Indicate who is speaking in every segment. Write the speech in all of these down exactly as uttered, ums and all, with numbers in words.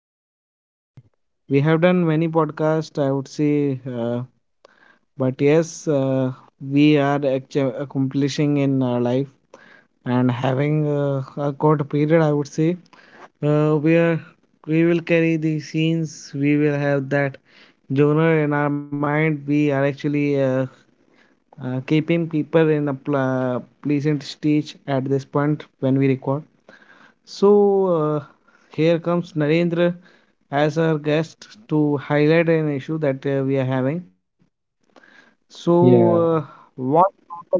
Speaker 1: podcast, and uh, we have done many podcasts. I would say, uh, but yes, uh, we are actu- accomplishing in our life and having uh, a good period. I would say, uh, where we will carry the scenes. We will have that genre in our mind. We are actually uh, uh, keeping people in a pl- pleasant stage at this point when we record. So uh, here comes Narendra as our guest to highlight an issue that uh, we are having. So uh,
Speaker 2: Yeah,
Speaker 1: what are the differences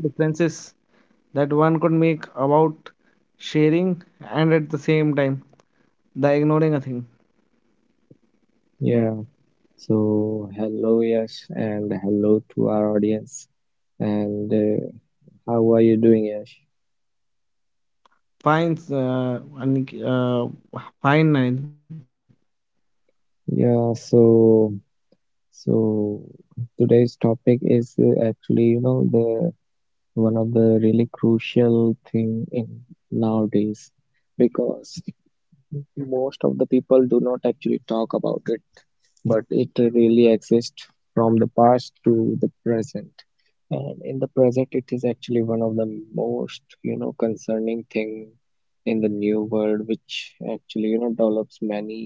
Speaker 1: that one could make about sharing and at the same time the ignoring a thing?
Speaker 2: yeah. So, hello, Yash, and hello to our audience. And uh, how are you doing, Yash?
Speaker 1: Fine, uh, Anik- uh, fine, Narendra.
Speaker 2: Yeah, so so today's topic is uh, actually, you know, the one of the really crucial thing in nowadays, because most of the people do not actually talk about it, but it really exists from the past to the present. And in the present it is actually one of the most you know concerning thing in the new world, which actually you know develops many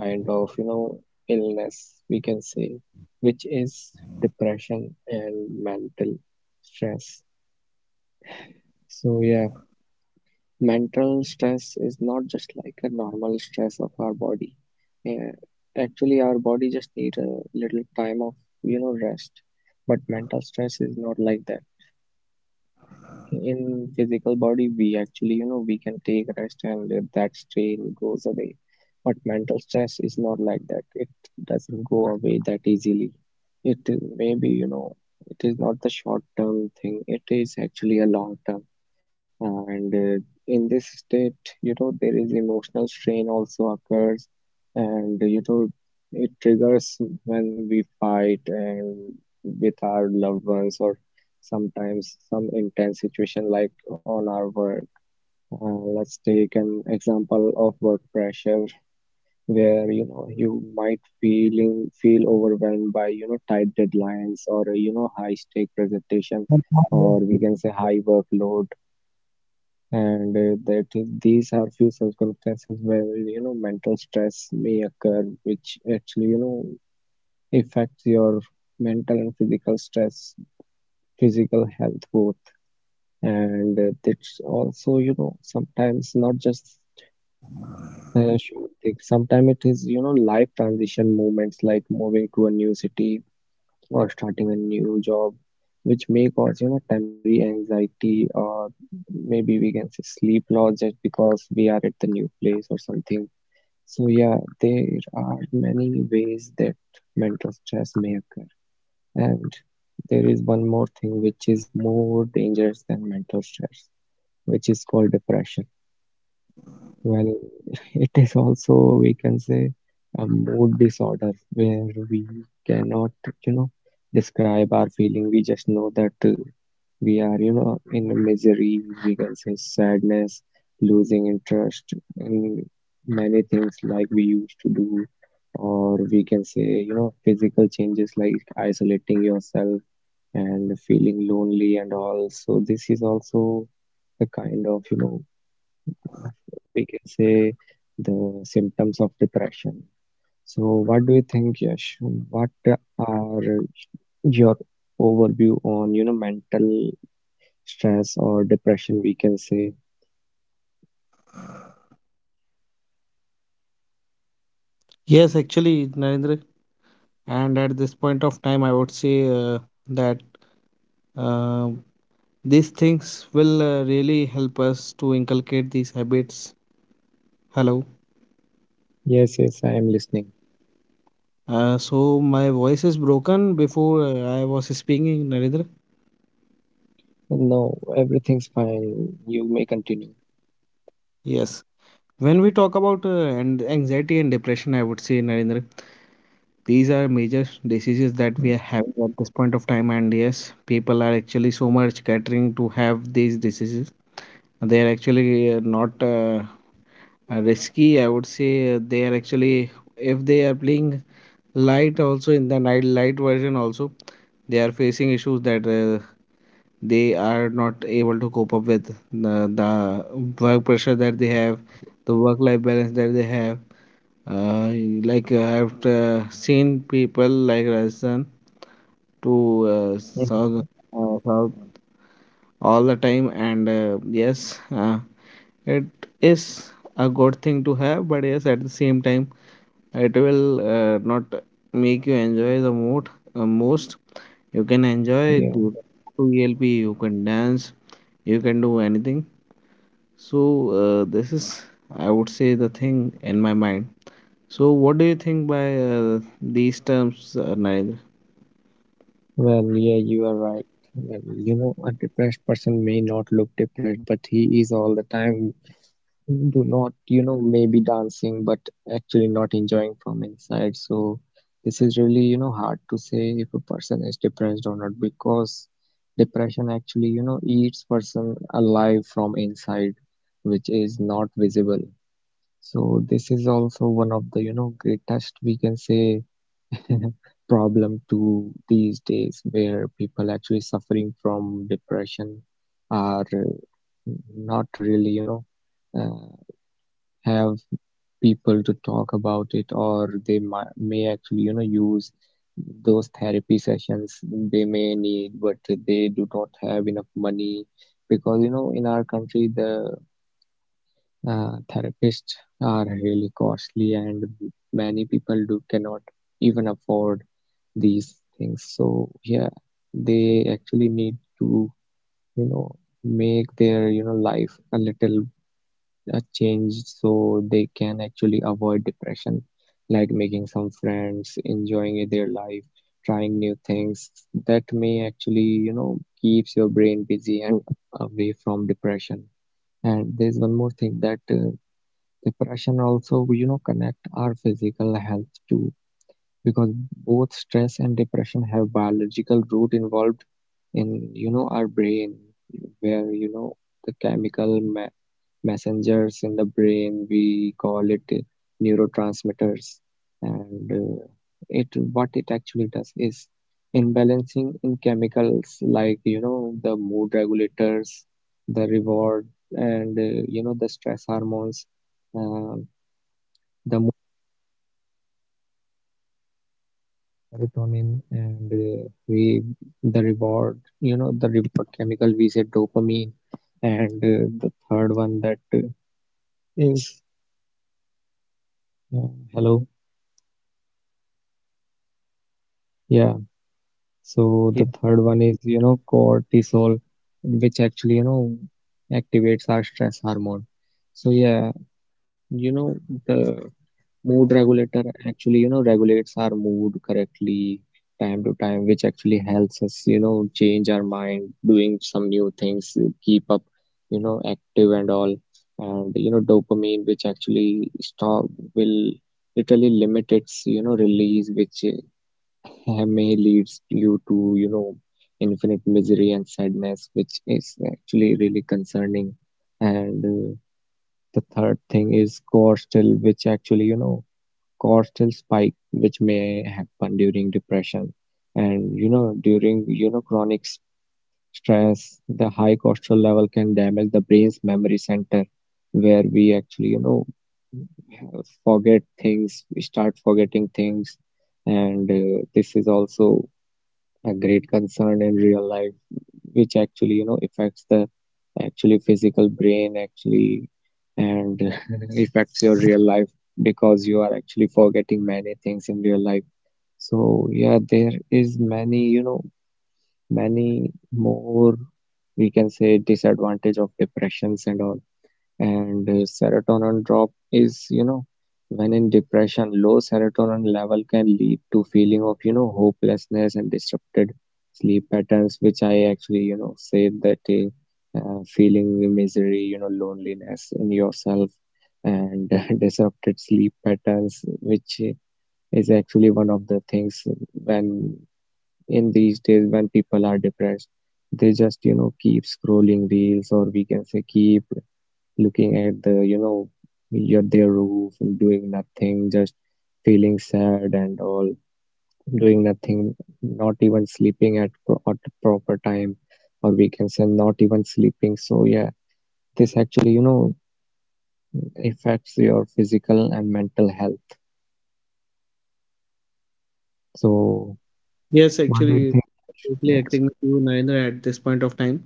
Speaker 2: kind of you know illness, we can say, which is depression and mental stress. So, yeah, mental stress is not just like a normal stress of our body. Uh, Actually, our body just need a little time of, you know, rest. But mental stress is not like that. In physical body, we actually, you know we can take rest and uh, that strain goes away, but mental stress is not like that. It doesn't go away that easily. It is, maybe, you know it is not the short term thing, it is actually a long term. And uh, in this state, you know there is emotional strain also occurs, and you know it triggers when we fight and with our loved ones, or sometimes some intense situation like on our work. Uh, let's take an example of work pressure, where you know you might feeling feel overwhelmed by, you know tight deadlines, or uh, you know high stake presentation, or we can say high workload. And uh, that is, these are few circumstances where you know mental stress may occur, which actually, you know affects your mental and physical stress, physical health, both. And uh, that's also, you know sometimes not just the short thing, sometimes it is, you know life transition moments like moving to a new city or starting a new job, which may cause, you know temporary anxiety, or maybe we can say sleep loss, just because we are at the new place or something. So, yeah, there are many ways that mental stress may occur. And there is one more thing which is more dangerous than mental stress, which is called depression. Well, it is also, we can say, a mood disorder where we cannot, you know, describe our feeling. We just know that uh, we are, you know, in misery, we can say sadness, losing interest in many things like we used to do, or we can say, you know, physical changes like isolating yourself and feeling lonely and all. So this is also the kind of, you know we can say, the symptoms of depression. So, what do you think, Yash? What are your overview on, you know mental stress or depression, we can say?
Speaker 1: Yes, actually, Narendra. And at this point of time, I would say uh, that Uh, these things will uh, really help us to inculcate these habits. Hello.
Speaker 2: Yes, yes, I am listening.
Speaker 1: Uh, so my voice is broken before uh, I was speaking, Narendra.
Speaker 2: No, everything's fine. You may continue.
Speaker 1: Yes. When we talk about uh, and anxiety and depression, I would say, Narendra, these are major diseases that we are having at this point of time, and yes, people are actually so much catering to have these diseases. They are actually uh, not uh, uh, risky, I would say. Uh, they are actually, if they are playing light also, in the night light version also, they are facing issues that uh, they are not able to cope up with the, the work pressure that they have,
Speaker 2: Mm-hmm.
Speaker 1: the work life balance that they have. uh, like uh, I've uh, seen people like Rajasthan to uh, South,
Speaker 2: Mm-hmm.
Speaker 1: uh, South all the time, and uh, yes, uh, it is a good thing to have. But yes, at the same time, it will uh, not make you enjoy the most. Uh, most you can enjoy, you can
Speaker 2: Yeah.
Speaker 1: do to E L P, you can dance, you can do anything. So, uh, this is, I would say, the thing in my mind. So, what do you think by uh, these terms, uh, Narendra?
Speaker 2: Well, yeah, you are right. Well, you know, a depressed person may not look depressed, but he is all the time do not, you know, maybe dancing, but actually not enjoying from inside. So this is really, you know, hard to say if a person is depressed or not, because depression actually, you know, eats person alive from inside, which is not visible. So this is also one of the, you know, greatest, we can say, problem to these days, where people actually suffering from depression are uh, not really, you know, uh, have people to talk about it, or they might, may actually, you know use those therapy sessions they may need, but they do not have enough money, because, you know in our country the uh, therapists are really costly, and many people do cannot even afford these things. So, yeah, they actually need to, you know, make their, you know, life a little, a change, so they can actually avoid depression, like making some friends, enjoying their life, trying new things, that may actually, you know, keeps your brain busy and away from depression. And there's one more thing, that uh, depression also, you know, connect our physical health too, because both stress and depression have biological root involved in, you know our brain, where, you know the chemical ma- messengers in the brain, we call it uh, neurotransmitters. And uh, it, what it actually does is imbalancing in chemicals like, you know the mood regulators, the reward, and uh, you know the stress hormones, uh, the serotonin, and uh, we, the reward, you know the reward chemical, we say dopamine. And uh, the third one, that uh, is, uh, hello, yeah, so
Speaker 1: Yeah.
Speaker 2: the third one is, you know cortisol, which actually, you know activates our stress hormone. So, yeah, you know the mood regulator actually, you know regulates our mood correctly, time to time, which actually helps us, you know change our mind, doing some new things, uh, keep up, you know active and all. And, you know dopamine, which actually stop, will literally limit its, you know release, which uh, may leads you to, you know infinite misery and sadness, which is actually really concerning. And uh, the third thing is core still, which actually, you know cortisol spike, which may happen during depression. And, you know during, you know chronic s- stress, the high cortisol level can damage the brain's memory center, where we actually, you know forget things, we start forgetting things. And uh, this is also a great concern in real life, which actually, you know affects the actually physical brain, actually, and affects your real life, because you are actually forgetting many things in real life. So, yeah, there is many, you know, many more, we can say, disadvantage of depressions and all. And uh, serotonin drop is, you know, when in depression low serotonin level can lead to feeling of, you know hopelessness and disrupted sleep patterns, which I actually, you know say that uh, uh, feeling misery, you know loneliness in yourself, and disrupted sleep patterns, which uh, is actually one of the things when, in these days, when people are depressed, they just, you know, keep scrolling reels, or we can say keep looking at the, you know, your, their roof, doing nothing, just feeling sad and all, doing nothing, not even sleeping at, pro at the proper time, or we can say not even sleeping. So, yeah, this actually, you know, affects your physical and mental health. So,
Speaker 1: Yes,
Speaker 2: what do you
Speaker 1: actually,
Speaker 2: think, Yash?
Speaker 1: totally
Speaker 2: Yes.
Speaker 1: agreeing with you, Narendra, at this point of time,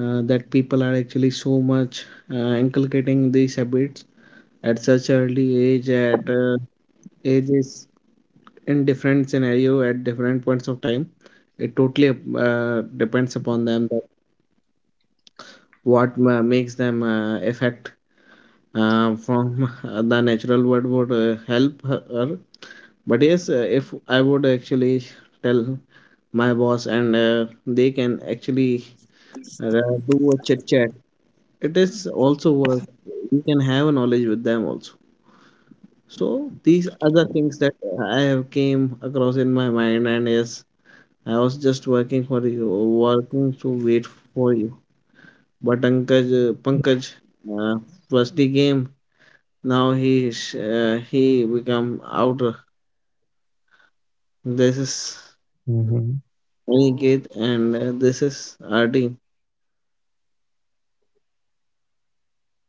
Speaker 1: uh, that people are actually so much uh, inculcating these habits at such early age, at uh, ages in different scenario, at different points of time. It totally uh, depends upon them that what ma- makes them uh, affect uh, from the natural word would uh, help her, but yes, uh, if I would actually tell my boss and uh, they can actually uh, do a chit chat. It is also work, you can have a knowledge with them also. So these are the things that I have came across in my mind. And yes, I was just working for you, working to wait for you, but pankaj uh,
Speaker 2: Yeah.
Speaker 1: pankaj uh, first game. Now he is, uh, he become outer. This is
Speaker 2: Hmm.
Speaker 1: Aniket, and uh, this is R D.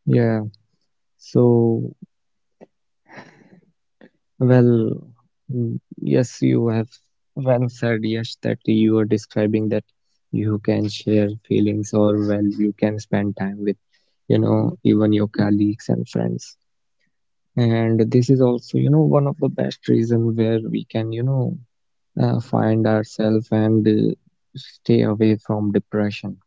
Speaker 2: Yeah. So, well, mm, yes, you have well said, yes, that you are describing that you can share feelings, or, well, you can spend time with, you know, even your colleagues and friends. And this is also, you know, one of the best reason where we can, you know, uh, find ourselves and uh, stay away from depression.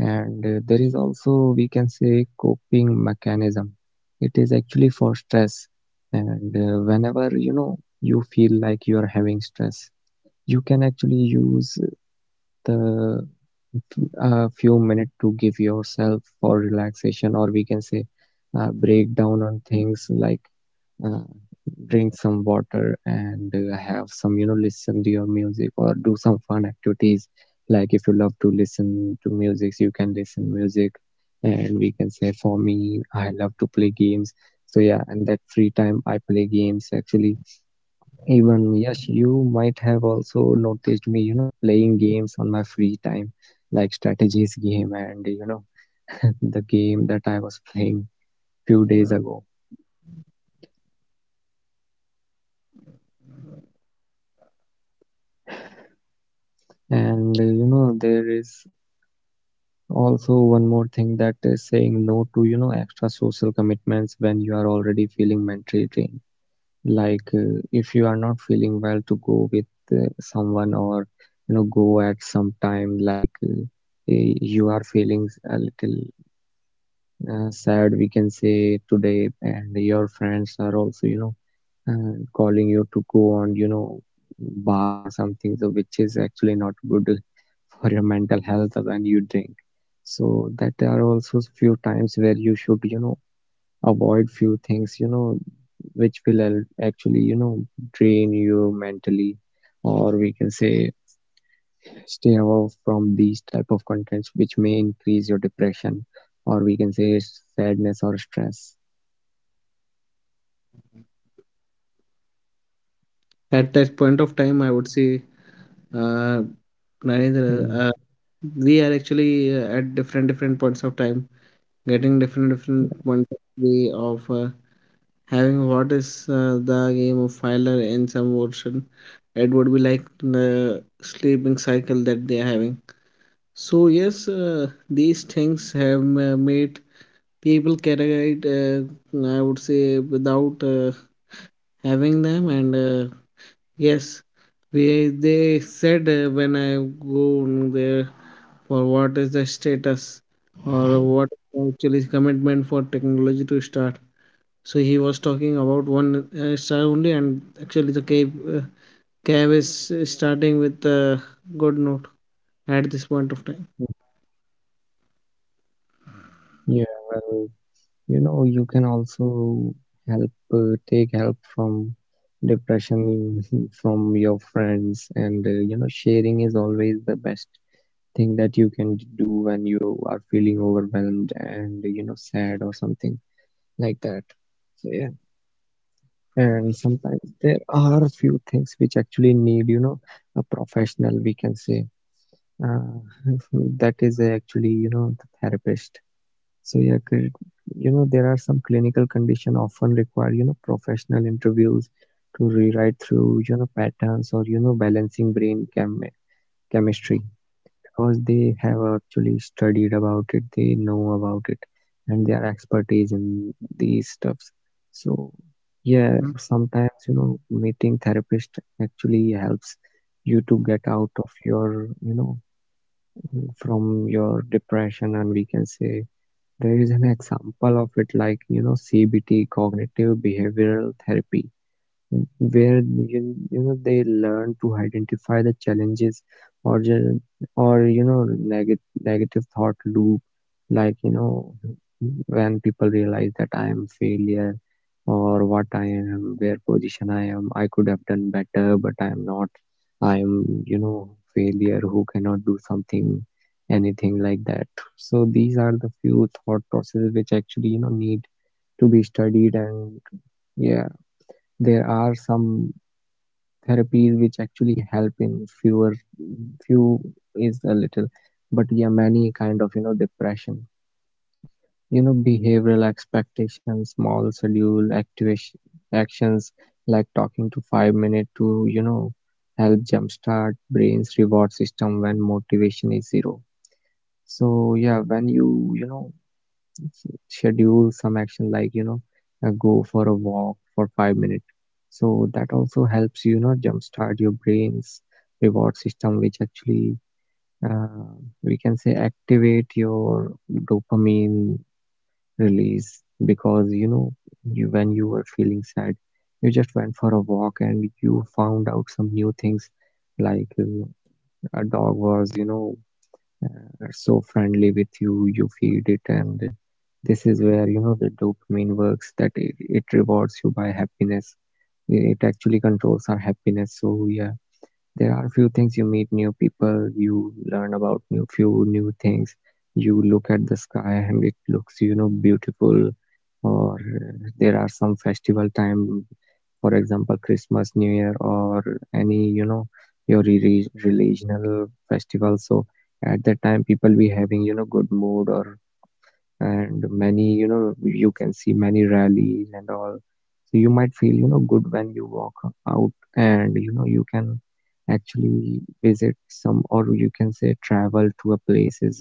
Speaker 2: And uh, there is also, we can say, coping mechanism. It is actually for stress. And uh, whenever, you know you feel like you are having stress, you can actually use the, a few minutes to give yourself for relaxation, or we can say uh, break down on things like uh, drink some water, and uh, have some, you know listen to your music, or do some fun activities. Like, if you love to listen to music you can listen music, and we can say, for me, I love to play games. So, yeah, and that free time I play games, actually. Even, yes, you might have also noticed me, you know playing games on my free time, like strategies game, and, you know, the game that I was playing few days ago. And uh, you know, there is also one more thing, that is saying no to, you know, extra social commitments when you are already feeling mentally drained. Like, uh, if you are not feeling well to go with uh, someone, or, you know, go at some time, like, uh, eh, you are feeling a little uh, sad, we can say today, and your friends are also, you know, and calling you to go on, you know bar or something, so which is actually not good for your mental health when you drink. So that, there are also few times where you should, you know, avoid few things, you know, which will al- actually, you know drain you mentally, or we can say stay away from these type of contents which may increase your depression, or we can say sadness or stress.
Speaker 1: At that point of time, I would say uh, Narendra,
Speaker 2: Mm.
Speaker 1: uh, we are actually uh, at different different points of time, getting different
Speaker 2: Yeah.
Speaker 1: different points of way of uh, having what is uh, the game of Filer in some version. It would be like the sleeping cycle that they are having. So yes, uh, these things have ma- made people carry it uh, I would say without uh, having them, and uh, yes, we they said uh, when I go there for what is the status, or
Speaker 2: Mm.
Speaker 1: what actually commitment for technology to start. So he was talking about one uh, star only, and actually the cab, uh, cab is uh, starting with a good note at this point of time.
Speaker 2: Mhm. Yeah, well, you know, you can also help, uh, take help from depression from your friends. And, uh, you know, sharing is always the best thing that you can do when you are feeling overwhelmed and, you know, sad or something like that. So, yeah, and sometimes there are a few things which actually need, you know, a professional, we can say. Uh, that is actually, you know, the therapist. So yeah, cl- you know there are some clinical condition often require you know professional interviews to rewrite through you know patterns or you know balancing brain chem- chemistry, because they have actually studied about it, they know about it, and they are expertise in these stuffs. So yeah,
Speaker 1: Mm.
Speaker 2: sometimes you know meeting therapist actually helps you to get out of your you know from your depression, and we can say there is an example of it, like, you know, C B T, cognitive behavioral therapy, where you, you know they learn to identify the challenges or ju- or you know negative negative thought loop, like, you know, when people realize that I am failure, or what I am where position I am, I could have done better but I am not. I am, you know, failure who cannot do something, anything like that. So these are the few thought processes which actually, you know, need to be studied. And yeah, there are some therapies which actually help in fewer few, is a little. But yeah, many kind of, you know, depression, you know, behavioral expectations, small schedule activation actions, like talking to five minutes to, you know, help jumpstart brain's reward system when motivation is zero. So yeah, when you you know, schedule some action, like, you know, uh, go for a walk for five minutes, so that also helps you, know jumpstart your brain's reward system, which actually uh, we can say activate your dopamine release, because, you know, you when you were feeling sad, you just went for a walk and you found out some new things, like uh, a dog was, you know, are so friendly with you, you feed it. And this is where, you know, the dopamine works, that it, it rewards you by happiness, it actually controls our happiness. So yeah, there are few things: you meet new people, you learn about new few new things, you look at the sky and it looks, you know, beautiful. Or uh, there are some festival time, for example, Christmas, New Year, or any, you know, your re- re- relational festival. So at that time, people be having, you know, good mood or, and many, you know, you can see many rallies and all, so you might feel, you know, good when you walk out, and you know you can actually visit some, or you can say travel to a places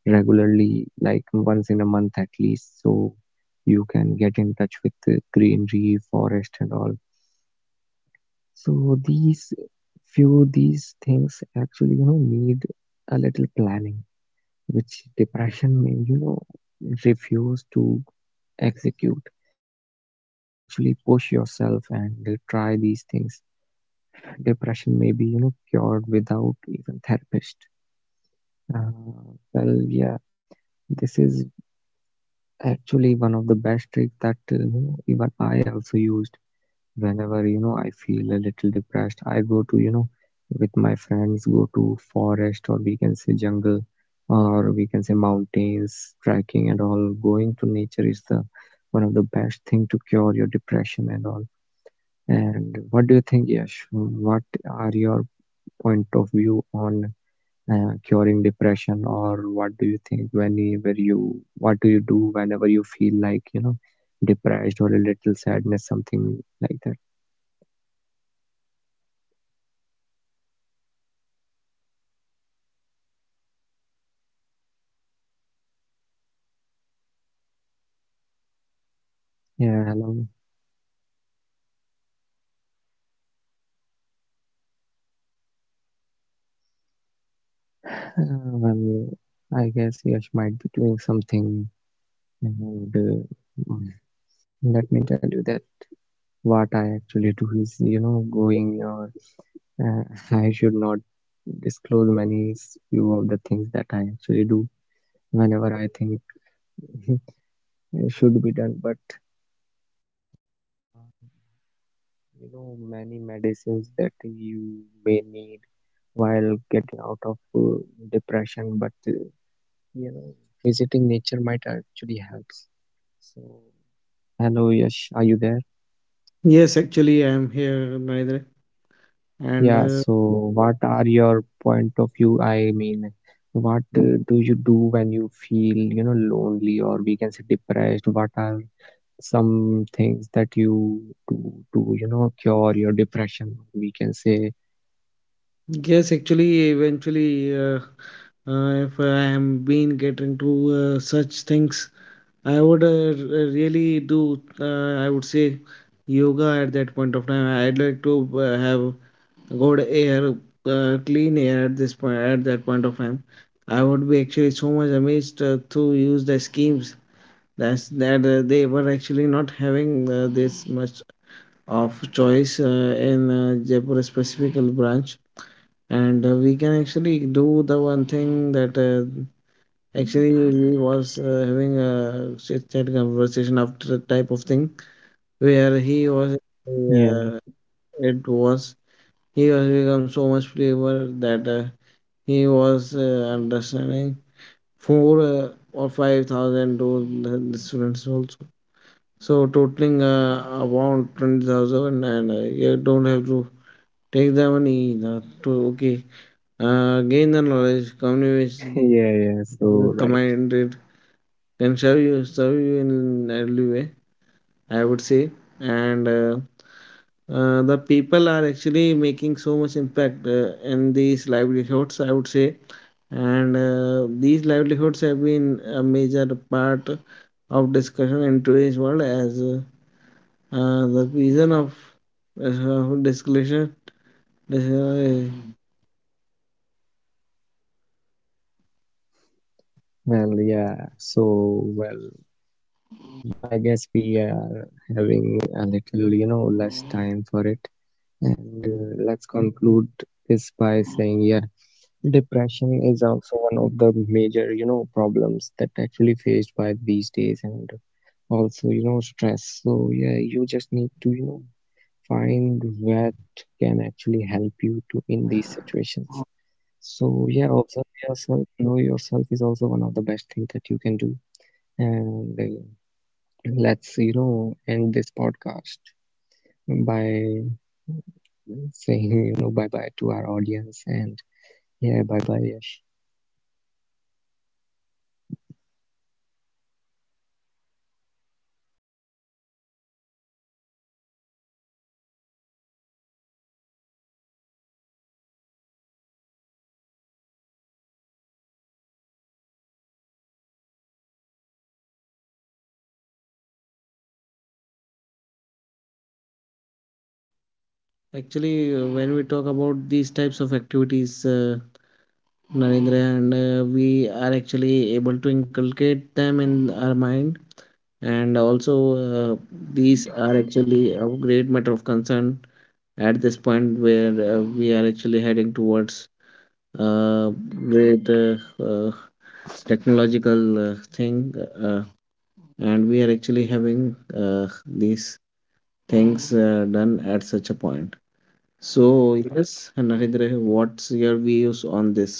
Speaker 2: regularly, like once in a month at least, so you can get in touch with the greenery forest and all. So these few these things actually, you know, need a little planning, which depression may, you know, refuse to execute. But when you actually push yourself and uh, try these things, depression may be, you know, cured without even therapist. Uh, well, yeah, this is actually one of the best tricks that uh, you know, even I also used. Whenever, you know, I feel a little depressed, I go to, you know, with my friends, go to forest, or we can say jungle, or we can say mountains, trekking and all. Going to nature is the one of the best thing to cure your depression and all. And what do you think, Yash? What are your point of view on uh, curing depression? Or what do you think whenever you, what do you do whenever you feel like, you know, depressed or a little sadness, something like that? Yeah, hello. Well, I guess Yash might be doing something. And uh, mm, let me tell you that what I actually do is, you know, going or uh, I should not disclose many s- few of the things that I actually do whenever I think it should be done. But uh, you know, many medicines that you may need while getting out of uh, depression, but uh, you know, visiting nature might actually helps. So. Hello, Yash. Are you there?
Speaker 1: Yes, actually, I am here neither,
Speaker 2: Yeah, so
Speaker 1: and uh,
Speaker 2: what are your point of view? I mean, what uh, do you do when you feel, you know, lonely, or we can say depressed? What are some things that you do to, you know, cure your depression, we can say?
Speaker 1: yes, actually, eventually, uh, uh, if I am been getting to uh, such things, I would uh, r- really do. Uh, I would say yoga at that point of time. I'd like to uh, have good air, uh, clean air at this point. At that point of time, I would be actually so much amazed uh, to use the schemes that's, that uh, they were actually not having uh, this much of choice uh, in uh, Jaipur specific branch. And uh, we can actually do the one thing that uh, actually Lee was uh, having a chit chat conversation after that type of thing,
Speaker 2: Yeah,
Speaker 1: where he was, uh, it was he was become so much clever that uh, he was uh, understanding four uh, or five thousand to the, the students also, so totaling uh, about twenty thousand, and uh, you don't have to take the money uh, to, okay,
Speaker 2: yeah, yeah.
Speaker 1: uh,
Speaker 2: So,
Speaker 1: gain the
Speaker 2: right.
Speaker 1: knowledge, communicate, you commanded, can serve you, serve you in early way, I would say. And uh, uh, the people are actually making so much impact uh, in these livelihoods, I would say. And uh, these livelihoods have been a major part of discussion in today's world as uh, uh, the reason of uh, discussion, this, uh,
Speaker 2: Well, yeah. So, well, mm, I guess we are having a little, you know, less time for it. And uh, let's conclude this by saying, yeah. Depression is also one of the major, you know, problems that actually faced by these days, and also, you know, stress. So yeah, you just need to, you know, find what can actually help you to in these situations. So yeah, observe yourself, know yourself is also one of the best things that you can do. And uh, let's, you know, end this podcast by saying, you know, bye bye to our audience. And yeah, bye bye, Yash.
Speaker 1: actually uh, when we talk about these types of activities, uh, Narendra, and uh, we are actually able to inculcate them in our mind. And also, uh, these are actually a great matter of concern at this point where uh, we are actually heading towards uh, great uh, uh, technological uh, thing. Uh, and we are actually having uh, these things uh, done at such a point. So, yes, Narendra, what's your views on this?